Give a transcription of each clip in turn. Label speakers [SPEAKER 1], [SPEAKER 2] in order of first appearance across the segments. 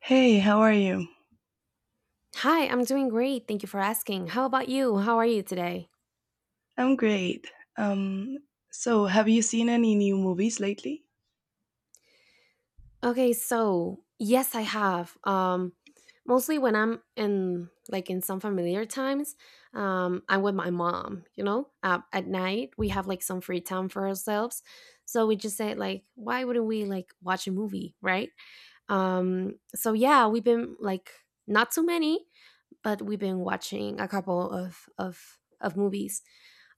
[SPEAKER 1] Hey, how are you?
[SPEAKER 2] Hi, I'm doing great. Thank you for asking. How about you? How are you today?
[SPEAKER 1] I'm great. Um, so have you seen any new movies lately?
[SPEAKER 2] Okay, so yes, I have. Mostly when I'm in like in some familiar times, I'm with my mom. You know, at night we have like some free time for ourselves, so we just say like, why wouldn't we like watch a movie, right? So yeah, we've been like not too many, but we've been watching a couple of movies.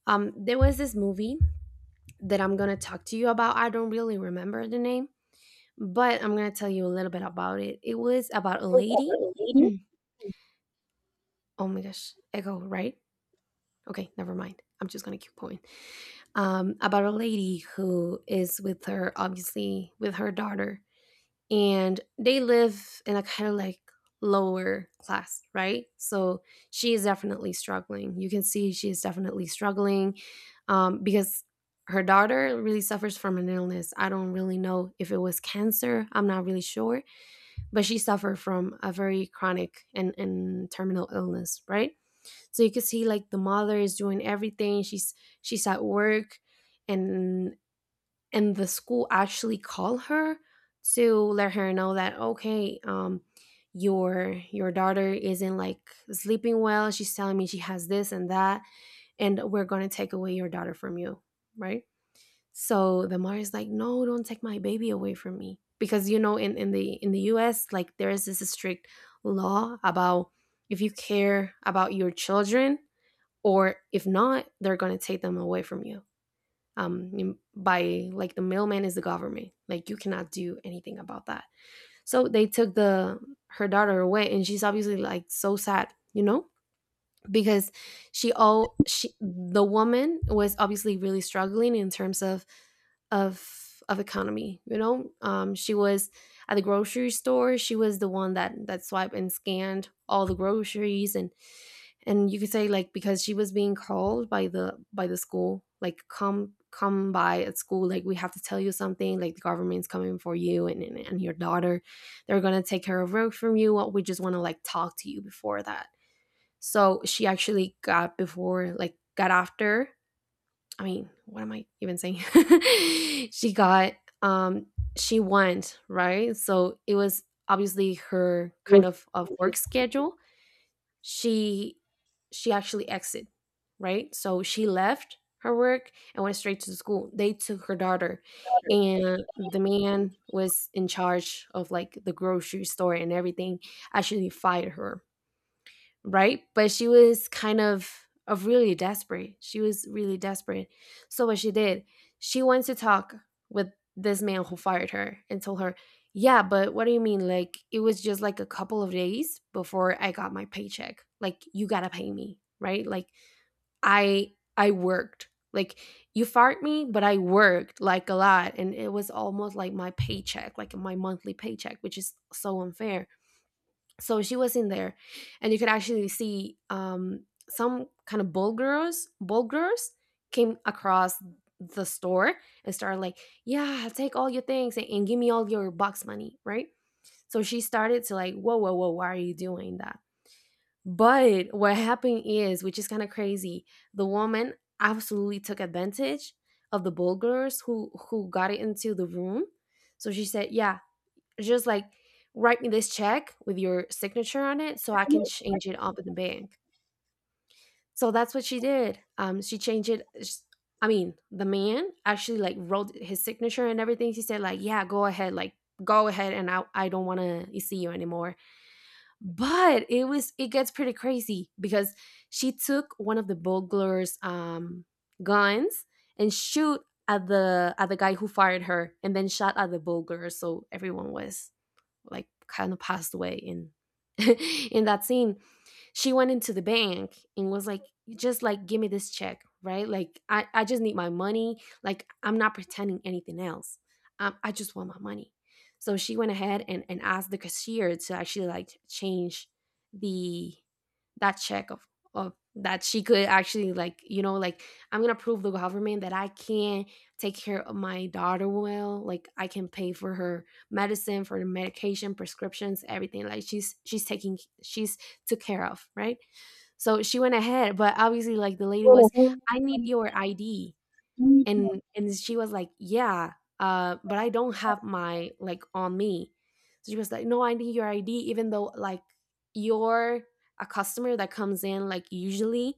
[SPEAKER 2] There was this movie that I'm going to talk to you about. I don't really remember the name, but I'm going to tell you a little bit about it. It was about a lady. Oh my gosh, echo, right? Okay, never mind. I'm just going to keep going. About a lady who is with her, obviously, with her daughter, and they live in a kind of like lower class, right? So she is definitely struggling. You can see she is definitely struggling, because her daughter really suffers from an illness. I don't really know if it was cancer, I'm not really sure, but she suffered from a very chronic and terminal illness, right? So you can see like the mother is doing everything. She's at work, and and the school actually call her to let her know that, okay, your daughter isn't like sleeping well, she's telling me she has this and that, and we're going to take away your daughter from you, right? So the mother is like, no, don't take my baby away from me, because you know, in the US like there is this strict law about if you care about your children or if not they're going to take them away from you. um, by like the mailman is the government. Like you cannot do anything about that. So they took the her daughter away, and she's obviously like so sad, you know, because she all she the woman was obviously really struggling in terms of economy, you know. She was at the grocery store, she was the one that swiped and scanned all the groceries, and you could say like because she was being called by the school, like, come by at school, like we have to tell you something, like the government's coming for you and and your daughter, they're gonna take care of work from you, we just want to like talk to you before that. So she actually got before, like, got after. I mean, what am I even saying? She got, um, she went, right? So it was obviously her kind of work schedule. She, she actually exited, right? So she left her work and went straight to the school. They took her daughter, and the man was in charge of like the grocery store and everything. Actually, fired her, right? But she was kind of really desperate. She was really desperate. So what she did, she went to talk with this man who fired her and told her, "Yeah, but what do you mean? Like it was just like a couple of days before I got my paycheck. Like you got to pay me, right? Like I worked. Like you fired me, but I worked like a lot and it was almost like my paycheck, like my monthly paycheck, which is so unfair." So she was in there and you could actually see, some kind of bulgars came across the store and started like, yeah, take all your things and give me all your box money, right? So she started to like, whoa whoa whoa, why are you doing that? But what happened is, which is kind of crazy, the woman absolutely took advantage of the bulgars who got it into the room. So she said, yeah, just, like, write me this check with your signature on it so I can change it up in the bank. So that's what she did. She changed it, sh I mean, the man actually, like, wrote his signature and everything. He said, like, "Yeah, go ahead, like, go ahead, and I don't wanna see you anymore." But it was, it gets pretty crazy because she took one of the burglar's, guns and shoot at the guy who fired her and then shot at the burglar, so everyone was like kind of passed away in in that scene. She went into the bank and was like, just like give me this check, right? Like I just need my money, like I'm not pretending anything else. I just want my money. So she went ahead and asked the cashier to actually like change the that check of that she could actually like, you know, like, I'm gonna prove the government that I can take care of my daughter well, like I can pay for her medicine, for the medication prescriptions, everything, like she's taking, she's took care of, right? So she went ahead, but obviously, like the lady was, I need your ID. And she was like, yeah, but I don't have my like on me. So she was like, no, I need your ID, even though like you're a customer that comes in, like usually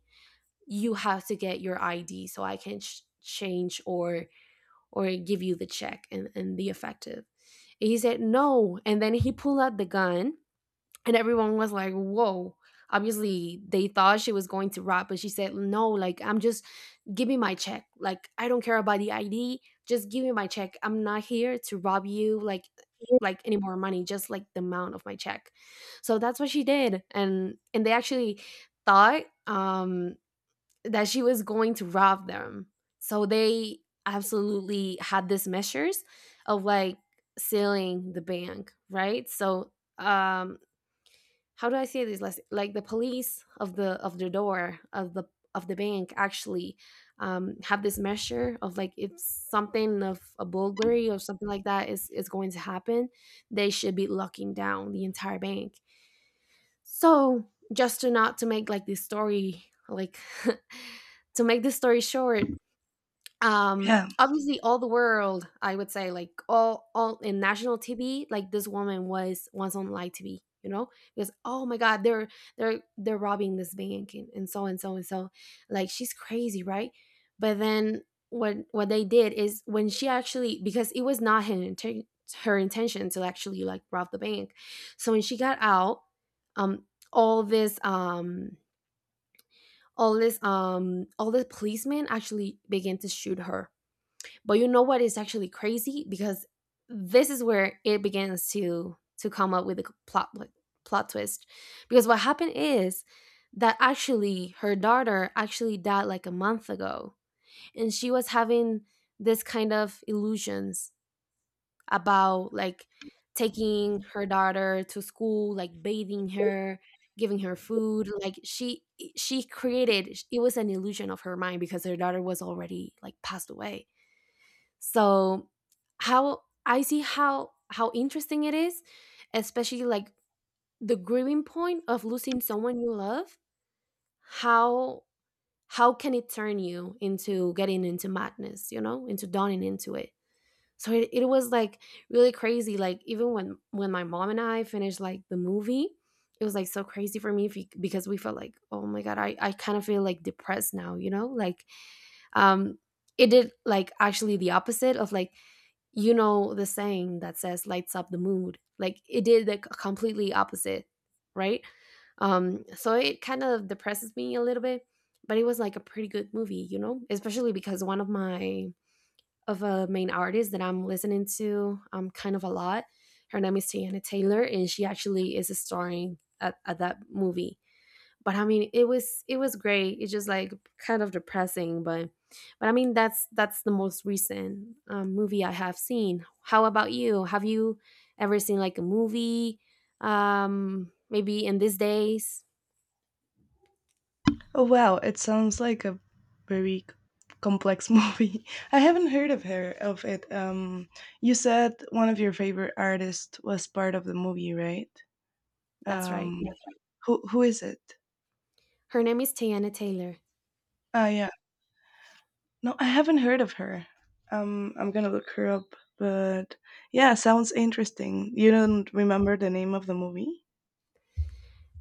[SPEAKER 2] you have to get your ID so I can change or give you the check and the effective. And he said no. And then he pulled out the gun and everyone was like, whoa. Obviously they thought she was going to rob, but she said, no, like I'm just, give me my check, like I don't care about the ID, just give me my check, I'm not here to rob you, like any more money, just like the amount of my check. So that's what she did, and they actually thought, that she was going to rob them, so they absolutely had these measures of like sealing the bank, right? So, um how do I say this? Like the police of the door of the bank actually, have this measure of like if something of a burglary or something like that is going to happen, they should be locking down the entire bank. So just to not to make like this story like to make this story short, um,
[SPEAKER 1] Yeah.
[SPEAKER 2] obviously all the world, I would say, like all in national TV, like this woman was once on live TV, you know? Because oh my god, they're they're robbing this bank and so and so and so. Like she's crazy, right? But then what they did is when she actually, because it was not her her intention to actually like rob the bank. So when she got out, um all this um all this all the policemen actually began to shoot her. But you know what is actually crazy, because this is where it begins to come up with a plot like, plot twist, because what happened is that actually her daughter actually died like a month ago, and she was having this kind of illusions about like taking her daughter to school, like bathing her, giving her food, like she created, it was an illusion of her mind because her daughter was already like passed away. So how I see how interesting it is, especially like the grieving point of losing someone you love. How how can it turn you into getting into madness, you know, into dawning into it? So it was like really crazy. Like even when my mom and I finished like the movie, it was like so crazy for me because we felt like, oh my god, I kind of feel like depressed now, you know? Like, um it did like actually the opposite of like, you know, the saying that says lights up the mood, like it did the completely opposite, right? So it kind of depresses me a little bit, but it was like a pretty good movie, you know, especially because one of my of a main artist that I'm listening to kind of a lot, her name is Tiana Taylor and she actually is starring at that movie. But I mean it was, it was great. It's just like kind of depressing, but I mean that's the most recent movie I have seen. How about you? Have you ever seen like a movie? Maybe in these days.
[SPEAKER 1] Oh wow, it sounds like a very c- complex movie. I haven't heard of her of it. You said one of your favorite artists was part of the movie, right?
[SPEAKER 2] That's right.
[SPEAKER 1] Yes. Who is it?
[SPEAKER 2] Her name is Tiana Taylor.
[SPEAKER 1] Ah, yeah. No, I haven't heard of her. I'm gonna look her up. But yeah, sounds interesting. You don't remember the name of the movie?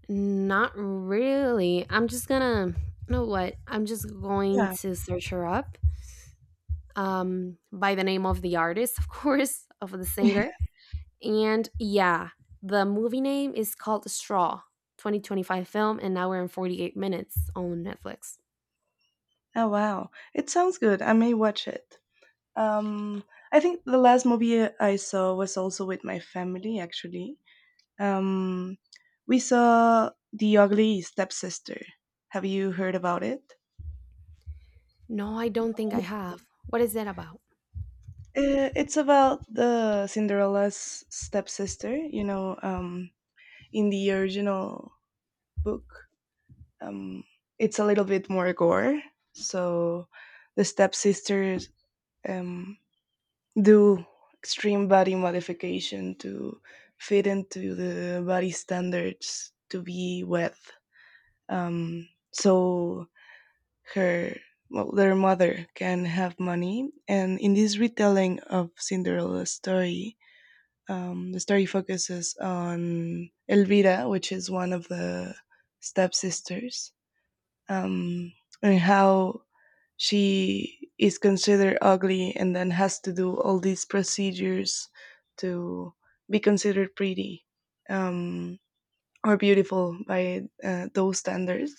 [SPEAKER 2] Not really. I'm just gonna, you know what? I'm just going
[SPEAKER 1] Yeah.
[SPEAKER 2] to search her up. By the name of the artist, of course, of the singer. And yeah, the movie name is called Straw, 2025 film, an hour and 48 minutes on Netflix.
[SPEAKER 1] Oh wow, it sounds good. I may watch it. Um, I think the last movie I saw was also with my family. Actually, um, we saw The Ugly Stepsister. Have you heard about it?
[SPEAKER 2] No, I don't think I have. What is that about?
[SPEAKER 1] It's about the Cinderella's stepsister, in the original book. Um, it's a little bit more gore. So the stepsisters um, do extreme body modification to fit into the body standards to be with. Um, so her, well, their mother can have money. And in this retelling of Cinderella's story, the story focuses on Elvira, which is one of the stepsisters, um, and how she is considered ugly and then has to do all these procedures to be considered pretty um, or beautiful by those standards.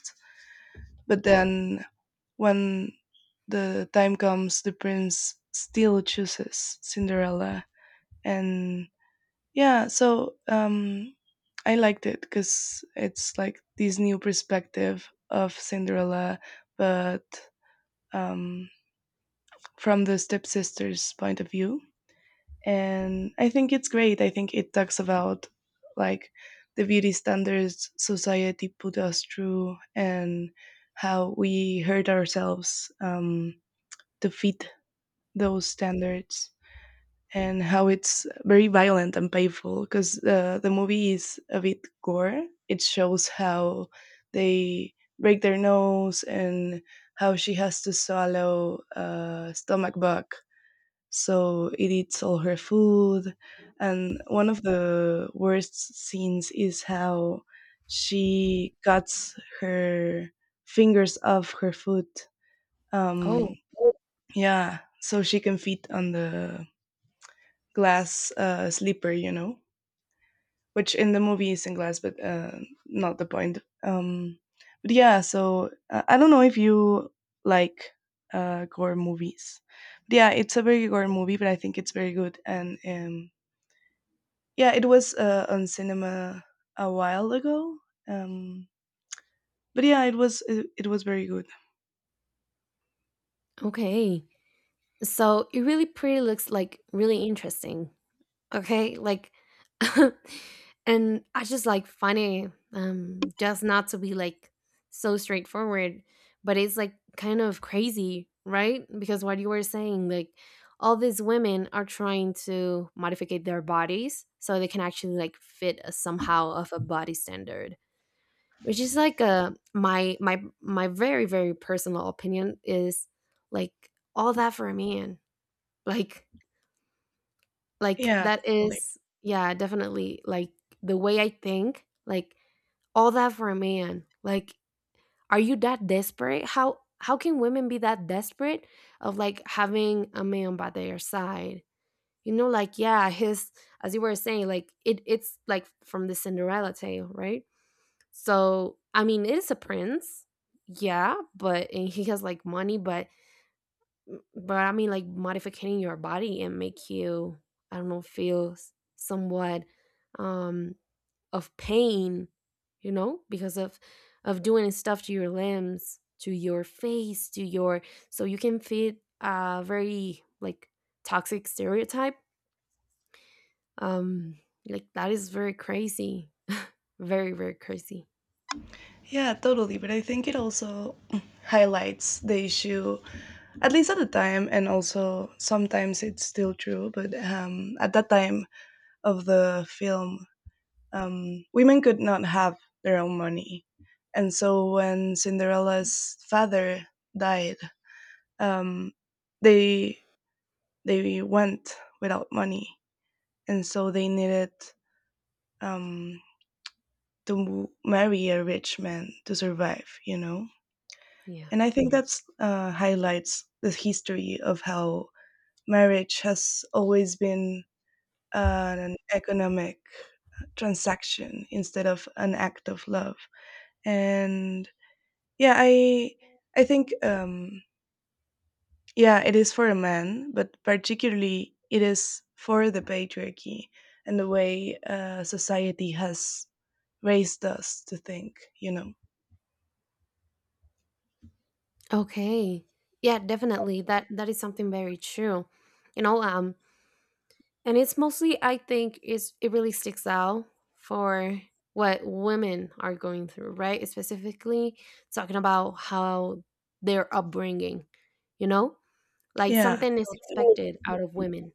[SPEAKER 1] But then when the time comes, the prince still chooses Cinderella and yeah, I liked it because it's like this new perspective of Cinderella, but um, from the stepsister's point of view. And I think it's great. I think it talks about like the beauty standards society put us through and how we hurt ourselves to fit those standards. And how it's very violent and painful because the movie is a bit gore. It shows how they break their nose and how she has to swallow a stomach bug. So it eats all her food. And one of the worst scenes is how she cuts her fingers off her foot. Um,
[SPEAKER 2] Oh,
[SPEAKER 1] yeah, so she can fit on the glass sleeper, you know, which in the movie is in glass, but not the point. But yeah, I don't know if you like gore movies. But yeah, it's a very gore movie, but I think it's very good. And yeah, it was on cinema a while ago. Um, but yeah, it was very good.
[SPEAKER 2] okay. So it really pretty looks like really interesting. Okay, like, and I just like funny, just not to be like so straightforward, but it's like kind of crazy, right? Because what you were saying, like, all these women are trying to modificate their bodies so they can actually like fit a, somehow of a body standard, which is like a my very very personal opinion is like all that for a man, like like,
[SPEAKER 1] Yeah,
[SPEAKER 2] that
[SPEAKER 1] totally.
[SPEAKER 2] is yeah, definitely, like, the way I think, like, all that for a man. Like, are you that desperate? How can women be that desperate of, like, having a man by their side? You know, like, yeah, his as you were saying, like, it's, like, from the Cinderella tale, right? So, I mean, it is a prince, yeah, but and he has, like, money, but M but I mean, like, modifying your body and make you, I don't know, feel s somewhat, um, of pain, you know, because of doing stuff to your limbs, to your face, to your so you can fit a very, like, toxic stereotype. Um, like, that is very crazy. Very, very crazy.
[SPEAKER 1] Yeah, totally. But I think it also highlights the issue at least at the time and also sometimes it's still true but at that time of the film women could not have their own money, and so when Cinderella's father died, um, they they went without money and so they needed um, to marry a rich man to survive, you know.
[SPEAKER 2] Yeah.
[SPEAKER 1] And I think that's, highlights the history of how marriage has always been an economic transaction instead of an act of love. And yeah i i think yeah, it is for a man, but particularly it is for the patriarchy, and the way society has raised us to think, you know.
[SPEAKER 2] Okay. Yeah, definitely. That is something very true. You know, and it's mostly I think is it really sticks out for what women are going through, right? Specifically talking about how their upbringing, you know? Like
[SPEAKER 1] Yeah,
[SPEAKER 2] something is expected out of women.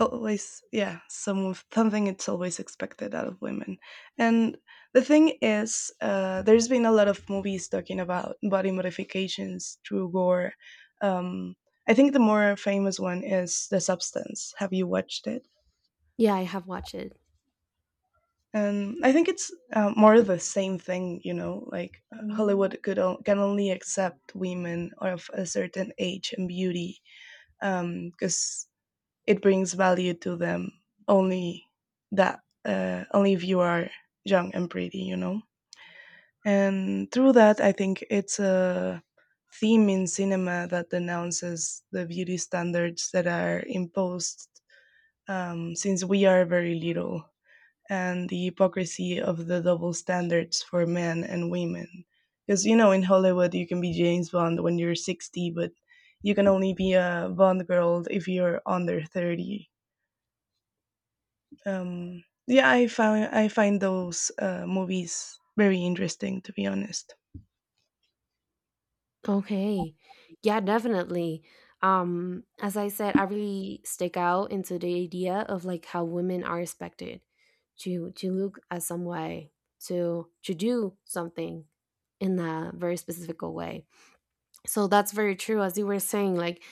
[SPEAKER 1] always. Yeah, something, it's always expected out of women. And the thing is, there's been a lot of movies talking about body modifications through gore. um, I think the more famous one is The Substance. Have you watched it?
[SPEAKER 2] Yeah, I have watched it.
[SPEAKER 1] And I think it's, more of the same thing, you know, like, Hollywood can only accept women of a certain age and beauty because it brings value to them. only that Only if you are young and pretty, you know. And through that, I think it's a theme in cinema that denounces the beauty standards that are imposed since we are very little, and the hypocrisy of the double standards for men and women. Because you know, in Hollywood you can be James Bond when you're 60, but you can only be a Bond girl if you're under 30. Yeah, I find those movies very interesting, to be honest.
[SPEAKER 2] Okay. Yeah, definitely. As I said, I really stick out into the idea of like how women are expected to look at some way, to do something in a very specific way. So that's very true as you were saying, like,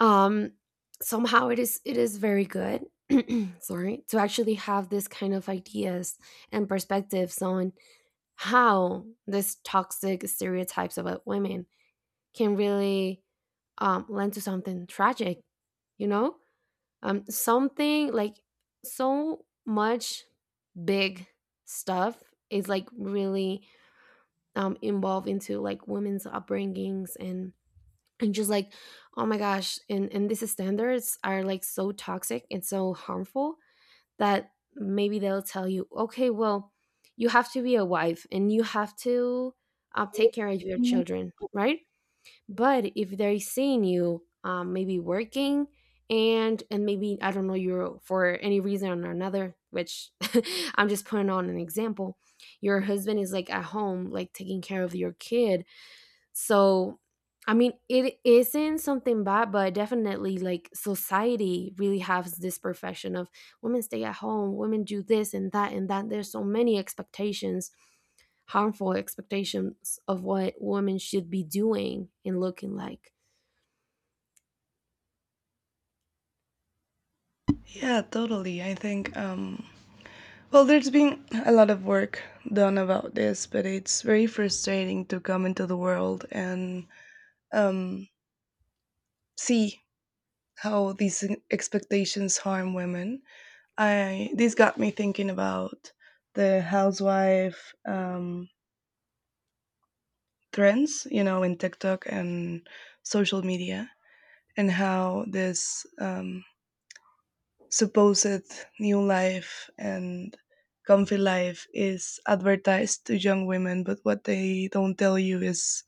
[SPEAKER 2] um somehow it is very good sorry to actually have this kind of ideas and perspectives on how this toxic stereotypes about women can really lend to something tragic, you know, something like so much big stuff is like really involved into like women's upbringings, and just like, oh my gosh, and these standards are like so toxic and so harmful that maybe they'll tell you, okay, well, you have to be a wife and you have to take care of your children, right? But if they're seeing you maybe working, and maybe I don't know, you're for any reason or another, which I'm just putting on an example, your husband is like at home like taking care of your kid. So, I mean, it isn't something bad, but definitely like society really has this perfection of women stay at home, women do this and that and that. There's so many expectations, harmful expectations of what women should be doing and looking like.
[SPEAKER 1] Yeah, totally. I think, well, there's been a lot of work done about this, but it's very frustrating to come into the world and um, see how these expectations harm women. I, this got me thinking about the housewife trends, you know, in TikTok and social media, and how this supposed new life and comfy life is advertised to young women. But what they don't tell you is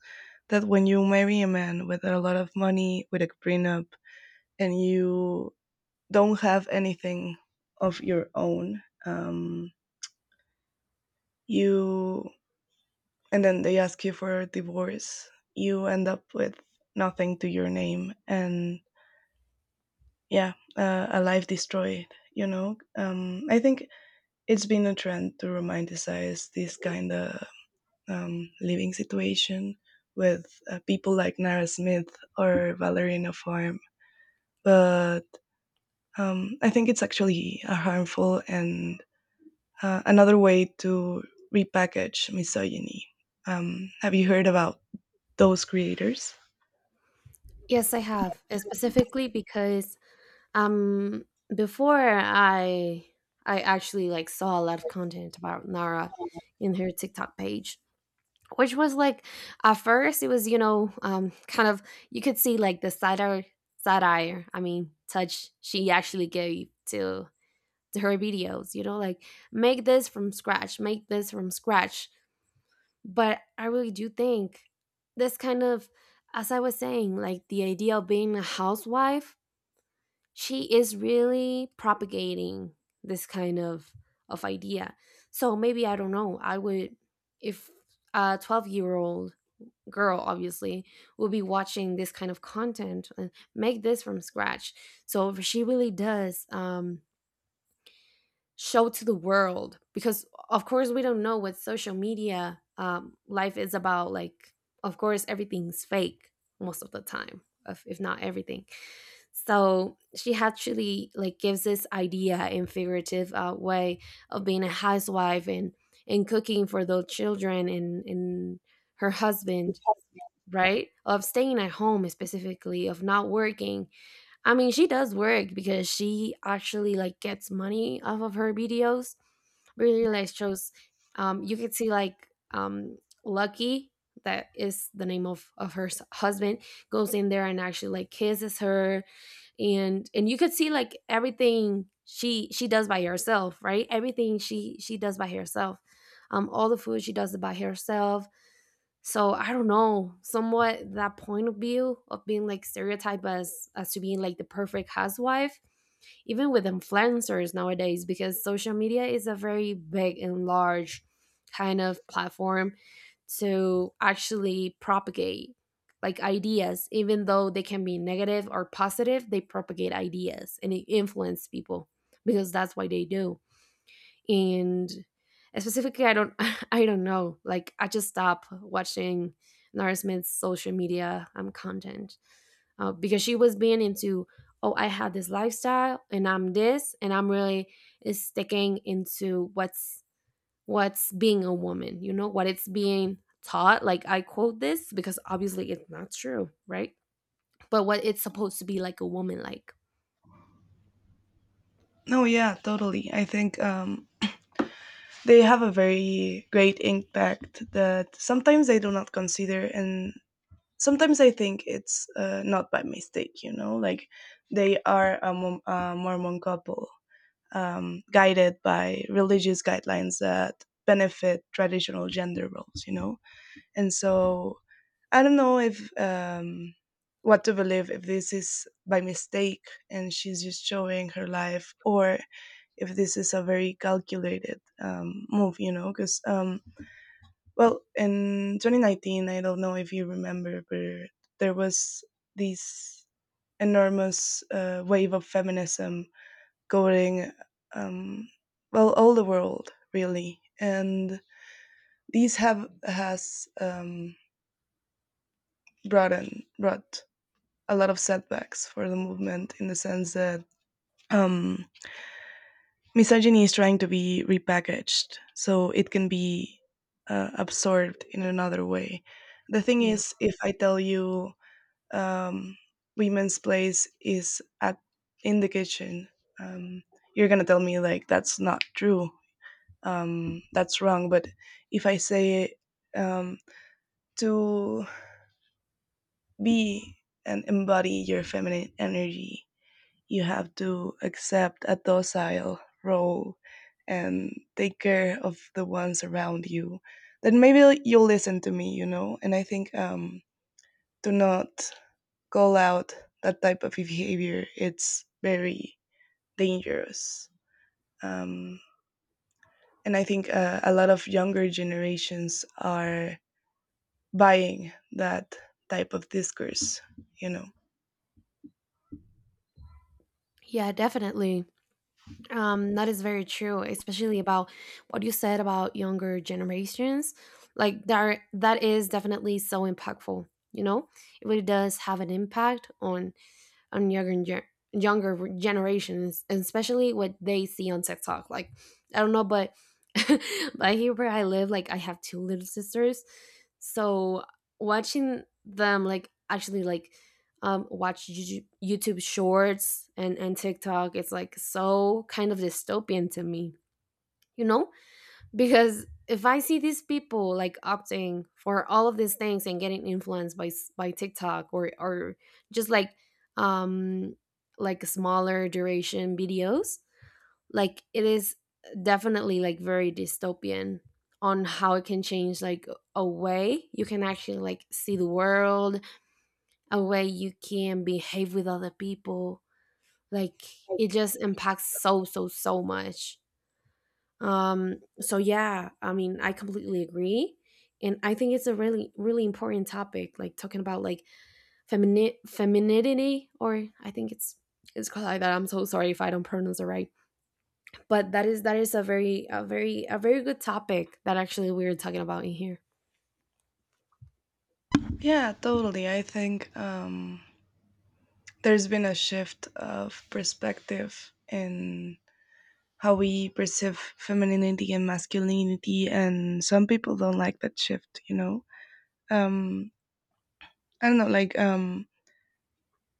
[SPEAKER 1] that when you marry a man with a lot of money with a prenup, and you don't have anything of your own, you, and then they ask you for a divorce, you end up with nothing to your name, and yeah, a life destroyed, you know. I think it's been a trend to romanticize this kind of living situation with, people like Nara Smith or Valerina Farm. But I think it's actually a harmful and, another way to repackage misogyny. Have you heard about those creators?
[SPEAKER 2] Yes, I have. Specifically because um before I actually like saw a lot of content about Nara in her TikTok page, which was like at first it was, you know, kind of you could see like the satire satire, I mean, touch she actually gave to her videos, you know, like make this from scratch, make this from scratch. But I really do think this kind of, as I was saying, like the idea of being a housewife, she is really propagating this kind of idea. So maybe I don't know I would, if a 12-year-old girl obviously will be watching this kind of content and make this from scratch, so if she really does show to the world, because of course we don't know what social media life is about, like of course everything's fake most of the time, if not everything. So she actually like gives this idea in figurative way of being a housewife and cooking for those children and her husband, right? Of staying at home, specifically of not working. I mean, she does work because she actually like gets money off of her videos. Really like shows. You can see like Lucky, that is the name of her s- husband, goes in there and actually like kisses her, and you could see like everything she does by herself, right? Everything she does by herself. All the food she does it by herself. So I don't know, somewhat that point of view of being like stereotyped as to being like the perfect housewife, even with influencers nowadays, because social media is a very big and large kind of platform to actually propagate like ideas, even though they can be negative or positive, they propagate ideas and it influence people because that's why they do. And specifically I don't I don't know, like I just stopped watching Nara Smith's social media content because she was being into, oh, I have this lifestyle and I'm this and I'm really is sticking into what's being a woman, you know what it's being taught, like I quote this because obviously it's not true, right? But what it's supposed to be like a woman like
[SPEAKER 1] No, yeah, totally. I think they have a very great impact that sometimes they do not consider, and sometimes I think it's, not by mistake, you know, like they are a, a Mormon couple guided by religious guidelines that benefit traditional gender roles, you know. And so I don't know if, what to believe, if this is by mistake and she's just showing her life, or if this is a very calculated move, you know. Because well, in 2019, I don't know if you remember, but there was this enormous wave of feminism going, um, well, all the world really. And these have has brought a lot of setbacks for the movement in the sense that um, misogyny is trying to be repackaged so it can be absorbed in another way. The thing
[SPEAKER 2] yeah
[SPEAKER 1] is, if I tell you um, women's place is at in the kitchen. Um, you're gonna tell me like that's not true, that's wrong. But if I say um, to be and embody your feminine energy, you have to accept a docile role and take care of the ones around you. Then maybe you'll listen to me, you know. And I think to not call out that type of behavior, it's very dangerous. Um, and I think, a lot of younger generations are buying that type of discourse, you know.
[SPEAKER 2] yeah definitely. That is very true, especially about what you said about younger generations. Like there, that is definitely so impactful. You know, it really does have an impact on younger gen- younger generations, especially what they see on TikTok. Like I don't know, but but here where I live, like I have two little sisters, so watching them like actually like watch Yu- YouTube Shorts and TikTok, it's like so kind of dystopian to me, you know, because if I see these people like opting for all of these things and getting influenced by s- by TikTok or just um like smaller duration videos, like it is definitely like very dystopian on how it can change like a way you can actually like see the world, a way you can behave with other people, like it just impacts so so so much. So yeah, I mean, I completely agree. And I think it's a really, really important topic, like talking about like femini- femininity, or I think it's called like that. I'm so sorry if I don't pronounce it right, but that is a very, a very, a very good topic that actually we are talking about in here.
[SPEAKER 1] Yeah, totally. I think there's been a shift of perspective in how we perceive femininity and masculinity, and some people don't like that shift, you know? Um, I don't know, like,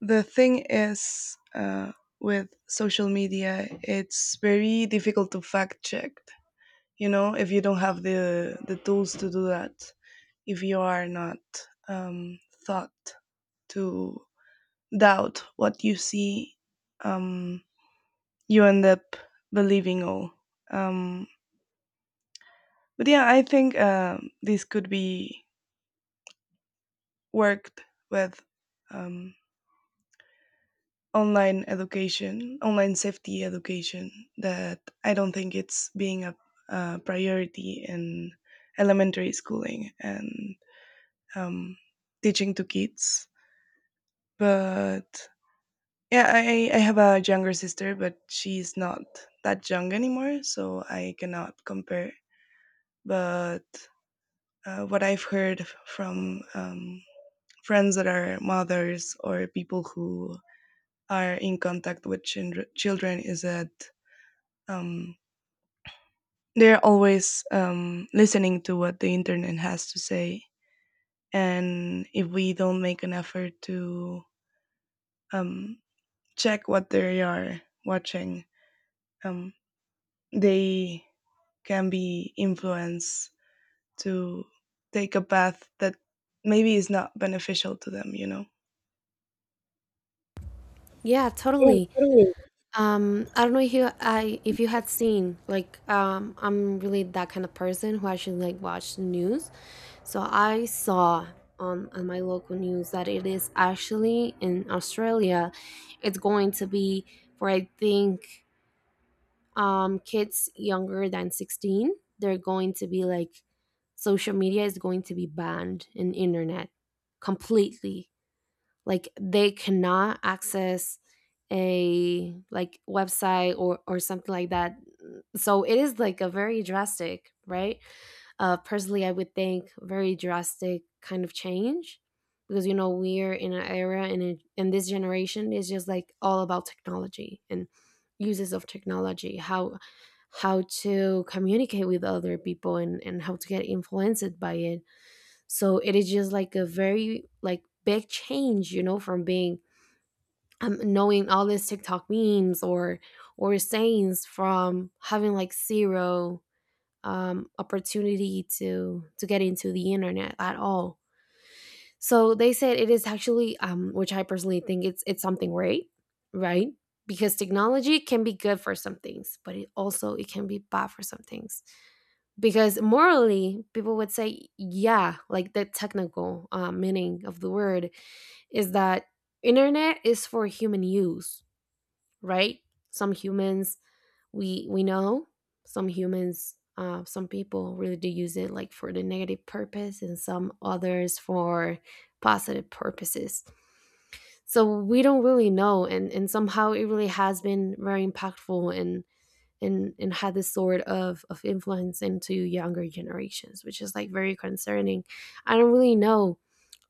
[SPEAKER 1] the thing is, with social media it's very difficult to fact check, you know, if you don't have the tools to do that, if you are not um, thought to doubt what you see, um, you end up believing all. um, but yeah, I think this could be worked with um, online education, online safety education, that I don't think it's being a priority in elementary schooling and um, teaching to kids. But yeah, I have a younger sister, but she's not that young anymore, so I cannot compare. But what I've heard from friends that are mothers or people who are in contact with children is that um, they're always listening to what the internet has to say. And if we don't make an effort to um, check what they are watching, um, they can be influenced to take a path that maybe is not beneficial to them, you know.
[SPEAKER 2] Yeah,
[SPEAKER 1] Yeah,
[SPEAKER 2] totally.
[SPEAKER 1] totally.
[SPEAKER 2] I don't know if you I if you had seen like I'm really that kind of person who actually like watch the news. So I saw on my local news that it is actually in Australia. It's going to be for I think kids younger than 16. They're going to be like social media is going to be banned in internet completely. Like they cannot access a like website or something like that, so it is like a very drastic, right? Uh personally I would think very drastic kind of change, because you know we're in an era and in this generation is just like all about technology and uses of technology, how to communicate with other people and how to get influenced by it. So it is just like a very like big change, you know, from being knowing all these TikTok memes or sayings from having like zero opportunity to get into the internet at all. So they said it is actually, which I personally think it's something great, right? Because technology can be good for some things, but it also it can be bad for some things. Because morally, people would say, yeah, like the technical meaning of the word is that internet is for human use, right? Some humans, we know some humans, some people really do use it like for the negative purpose, and some others for positive purposes. So we don't really know, and somehow it really has been very impactful and had this sort of influence into younger generations, which is like very concerning. I don't really know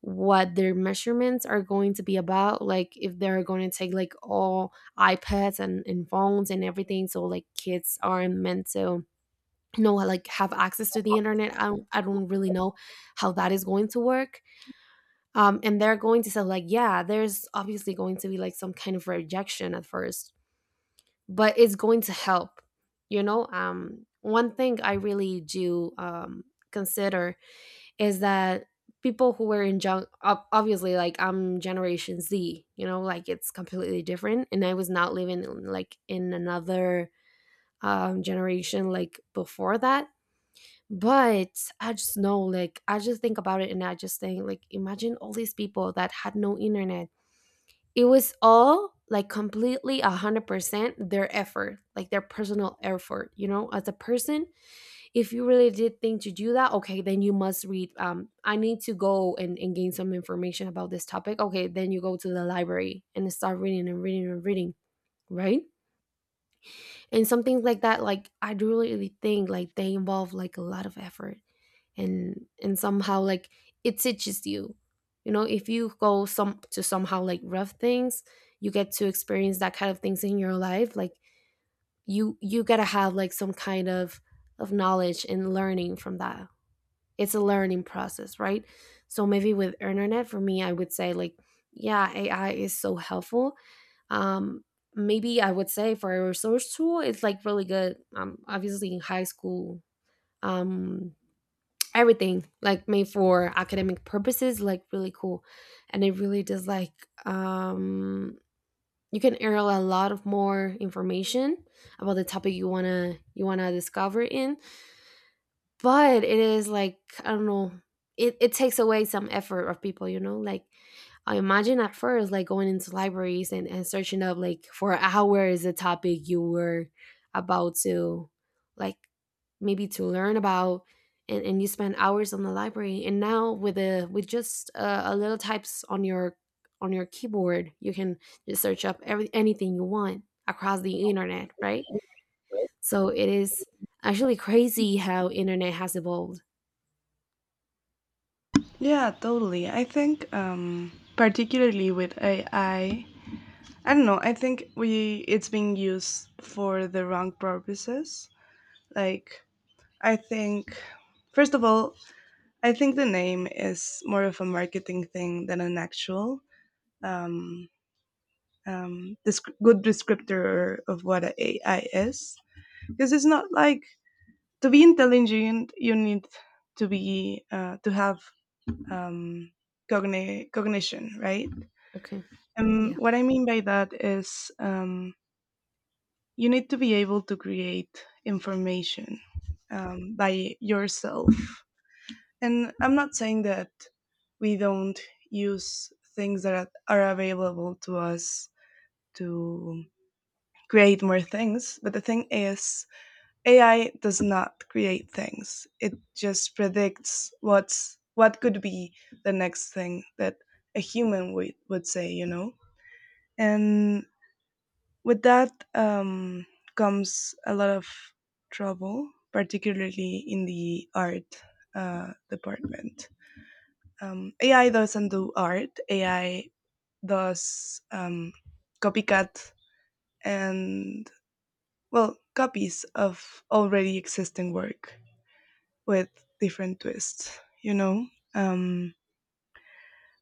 [SPEAKER 2] what their measurements are going to be about, like if they're going to take like all ipads and phones and everything, so like kids aren't meant to know, like have access to the internet. I don't really know how that is going to work. And they're going to say like, yeah, there's obviously going to be like some kind of rejection at first, but it's going to help, you know. One thing I really do consider is that people who were in junk obviously, like I'm generation z, you know, like it's completely different, and I was not living in, like in another generation like before that. But I just know, like I just think about it, and I just think like, imagine all these people that had no internet. It was all like completely 100% their effort, like their personal effort, you know, as a person. If you really did think to do that, okay, then you must read. I need to go and gain some information about this topic. Okay, then you go to the library and start reading and reading and reading, right? And some things like that, like I do really think like they involve like a lot of effort. And somehow like it teaches you, you know. If you go some to somehow like rough things, you get to experience that kind of things in your life. Like you gotta have like some kind of knowledge and learning from that. It's a learning process, right? So maybe with internet, for me I would say like, yeah, ai is so helpful. um Maybe I would say, for a resource tool it's like really good. Obviously in high school, um everything like made for academic purposes, like really cool. And it really does like, um you can earn a lot of more information about the topic you want to discover in. But it is like, I don't know, it takes away some effort of people, you know. Like I imagine at first like going into libraries and searching up like for hours the topic you were about to, like maybe to learn about. And you spend hours on the library, and now with a with just a little types on your keyboard, you can just search up anything you want across the internet, right? So it is actually crazy how internet has evolved.
[SPEAKER 1] Yeah, totally. I think particularly with AI, I don't know, I think we it's being used for the wrong purposes. Like I think, first of all, I think the name is more of a marketing thing than an actual um, good descriptor of what a AI is. Because it's not like, to be intelligent, you need to be, to have, um, cognition, right?
[SPEAKER 2] Okay.
[SPEAKER 1] And
[SPEAKER 2] Yeah.
[SPEAKER 1] what I mean by that is you need to be able to create information by yourself. And I'm not saying that we don't use things that are available to us to create more things, but the thing is, AI does not create things. It just predicts what's what could be the next thing that a human would say, you know? And with that, comes a lot of trouble, particularly in the art, department. Um, AI doesn't do art. AI does, copycat and, well, copies of already existing work with different twists. You know, um,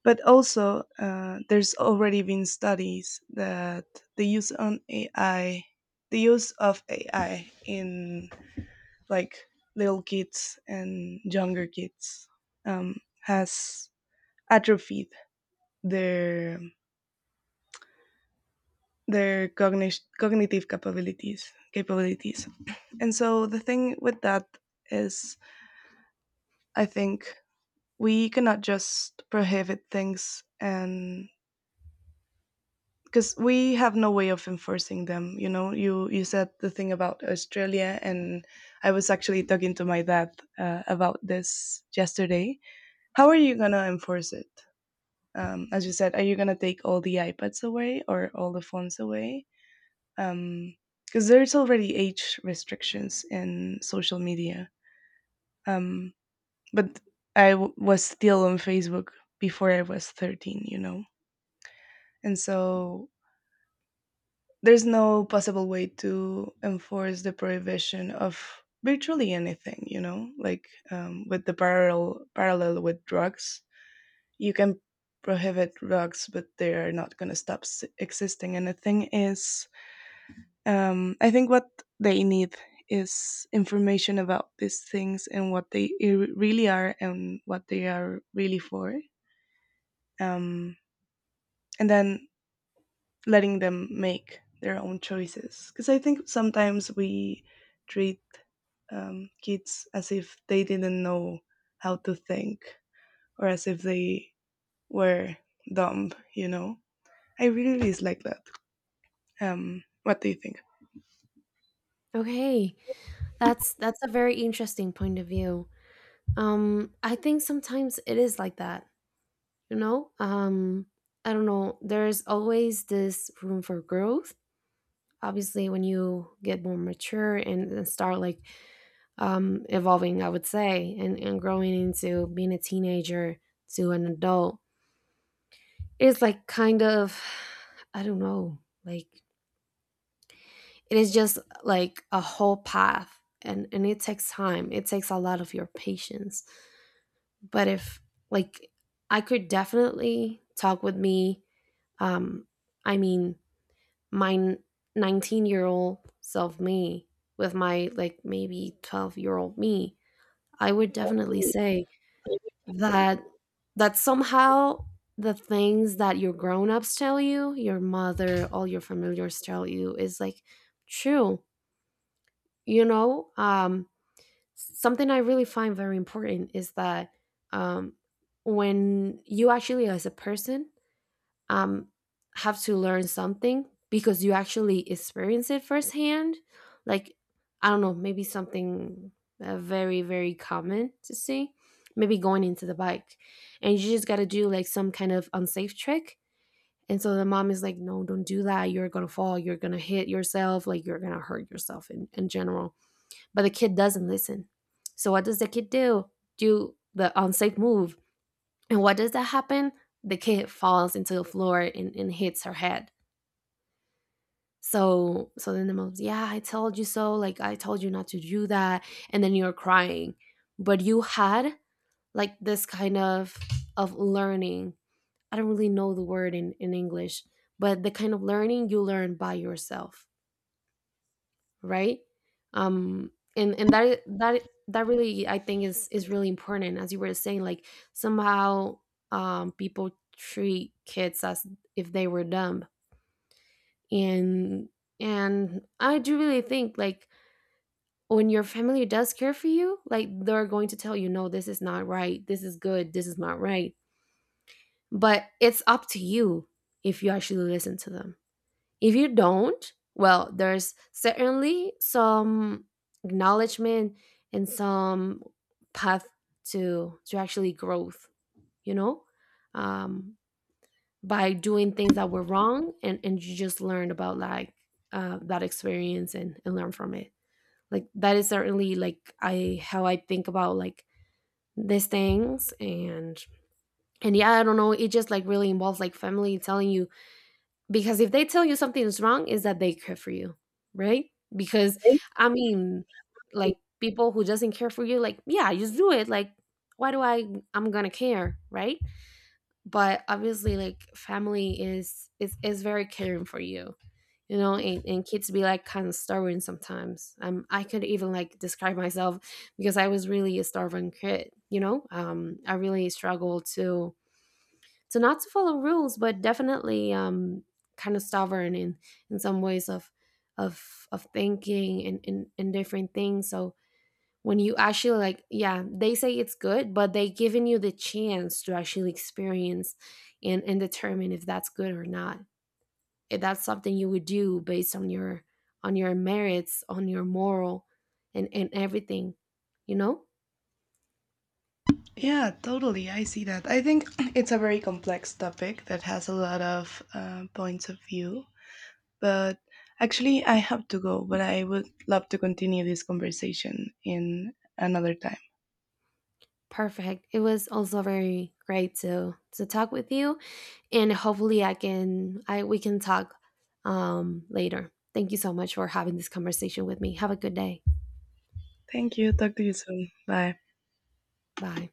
[SPEAKER 1] but also, there's already been studies that the use on AI, the use of AI in like little kids and younger kids um, has atrophied their their cognitive capabilities. And so the thing with that is, I think we cannot just prohibit things, and because we have no way of enforcing them, you know. You said the thing about Australia, and I was actually talking to my dad, about this yesterday. How are you gonna enforce it? Um, as you said, are you gonna take all the iPads away or all the phones away? Um, because there's already age restrictions in social media, um, but I was still on Facebook before I was 13, you know. And so there's no possible way to enforce the prohibition of virtually anything, you know, like, with the parallel with drugs. You can prohibit drugs but they are not going to stop existing. And the thing is, um, I think what they need is information about these things and what they really are and what they are really for. Um, and then letting them make their own choices. Because I think sometimes we treat, kids as if they didn't know how to think, or as if they were dumb, you know? I really dislike that. What do you think?
[SPEAKER 2] Okay. That's a very interesting point of view. I think sometimes it is like that, you know? I don't know. There's always this room for growth. Obviously, when you get more mature and start like evolving, I would say, and growing into being a teenager to an adult, it's like kind of, I don't know, like it is just like a whole path, and it takes time, it takes a lot of your patience. But if like, I could definitely talk with me, um I mean, my 19-year-old self me, with my like maybe 12-year-old me, I would definitely say that, that somehow the things that your grown-ups tell you, your mother, all your familiars tell you is like true, you know. Something I really find very important is that, um, when you actually, as a person, um, have to learn something because you actually experience it firsthand, like, I don't know, maybe something very, very common to see, maybe going into the bike, and you just got to do like some kind of unsafe trick. And so the mom is like, no, don't do that. You're going to fall. You're going to hit yourself. Like, you're going to hurt yourself in general, but the kid doesn't listen. So what does the kid do? Do the unsafe move. And what does that happen? The kid falls into the floor and hits her head. So then the mom's, yeah, I told you so. Like I told you not to do that. And then you're crying. But you had like this kind of learning. I don't really know the word in English, but the kind of learning you learn by yourself. Right. And that that really I think is really important. As you were saying, like somehow people treat kids as if they were dumb. And I do really think like, when your family does care for you, like they're going to tell you, no, this is not right, this is good, this is not right. But it's up to you if you actually listen to them. If you don't, well, there's certainly some acknowledgement and some path to actually growth, you know. um, by doing things that were wrong, and you just learned about like that experience, and learn from it. Like that is certainly like I, how I think about like these things. And yeah, I don't know. It just like really involves like family telling you, because if they tell you something is wrong, is that they care for you, right? Because I mean, like people who doesn't care for you, like, yeah, just do it. Like why do I? I'm gonna care, right? But obviously, like family is very caring for you, you know. And kids be like kind of stubborn sometimes. I could even like describe myself, because I was really a stubborn kid, you know. I really struggled to, so not to follow rules, but definitely kind of stubborn in some ways of thinking, and and different things. So when you actually like, yeah, they say it's good, but they giving you the chance to actually experience, and determine if that's good or not, if that's something you would do based on your merits, on your moral, and everything, you know.
[SPEAKER 1] Yeah, totally. I see that. I think it's a very complex topic that has a lot of points of view. But actually, I have to go, but I would love to continue this conversation in another time.
[SPEAKER 2] Perfect, it was also very great to talk with you. And hopefully I can, I we can talk later. Thank you so much for having this conversation with me. Have a good day.
[SPEAKER 1] Thank you. Talk to you soon. Bye.
[SPEAKER 2] Bye.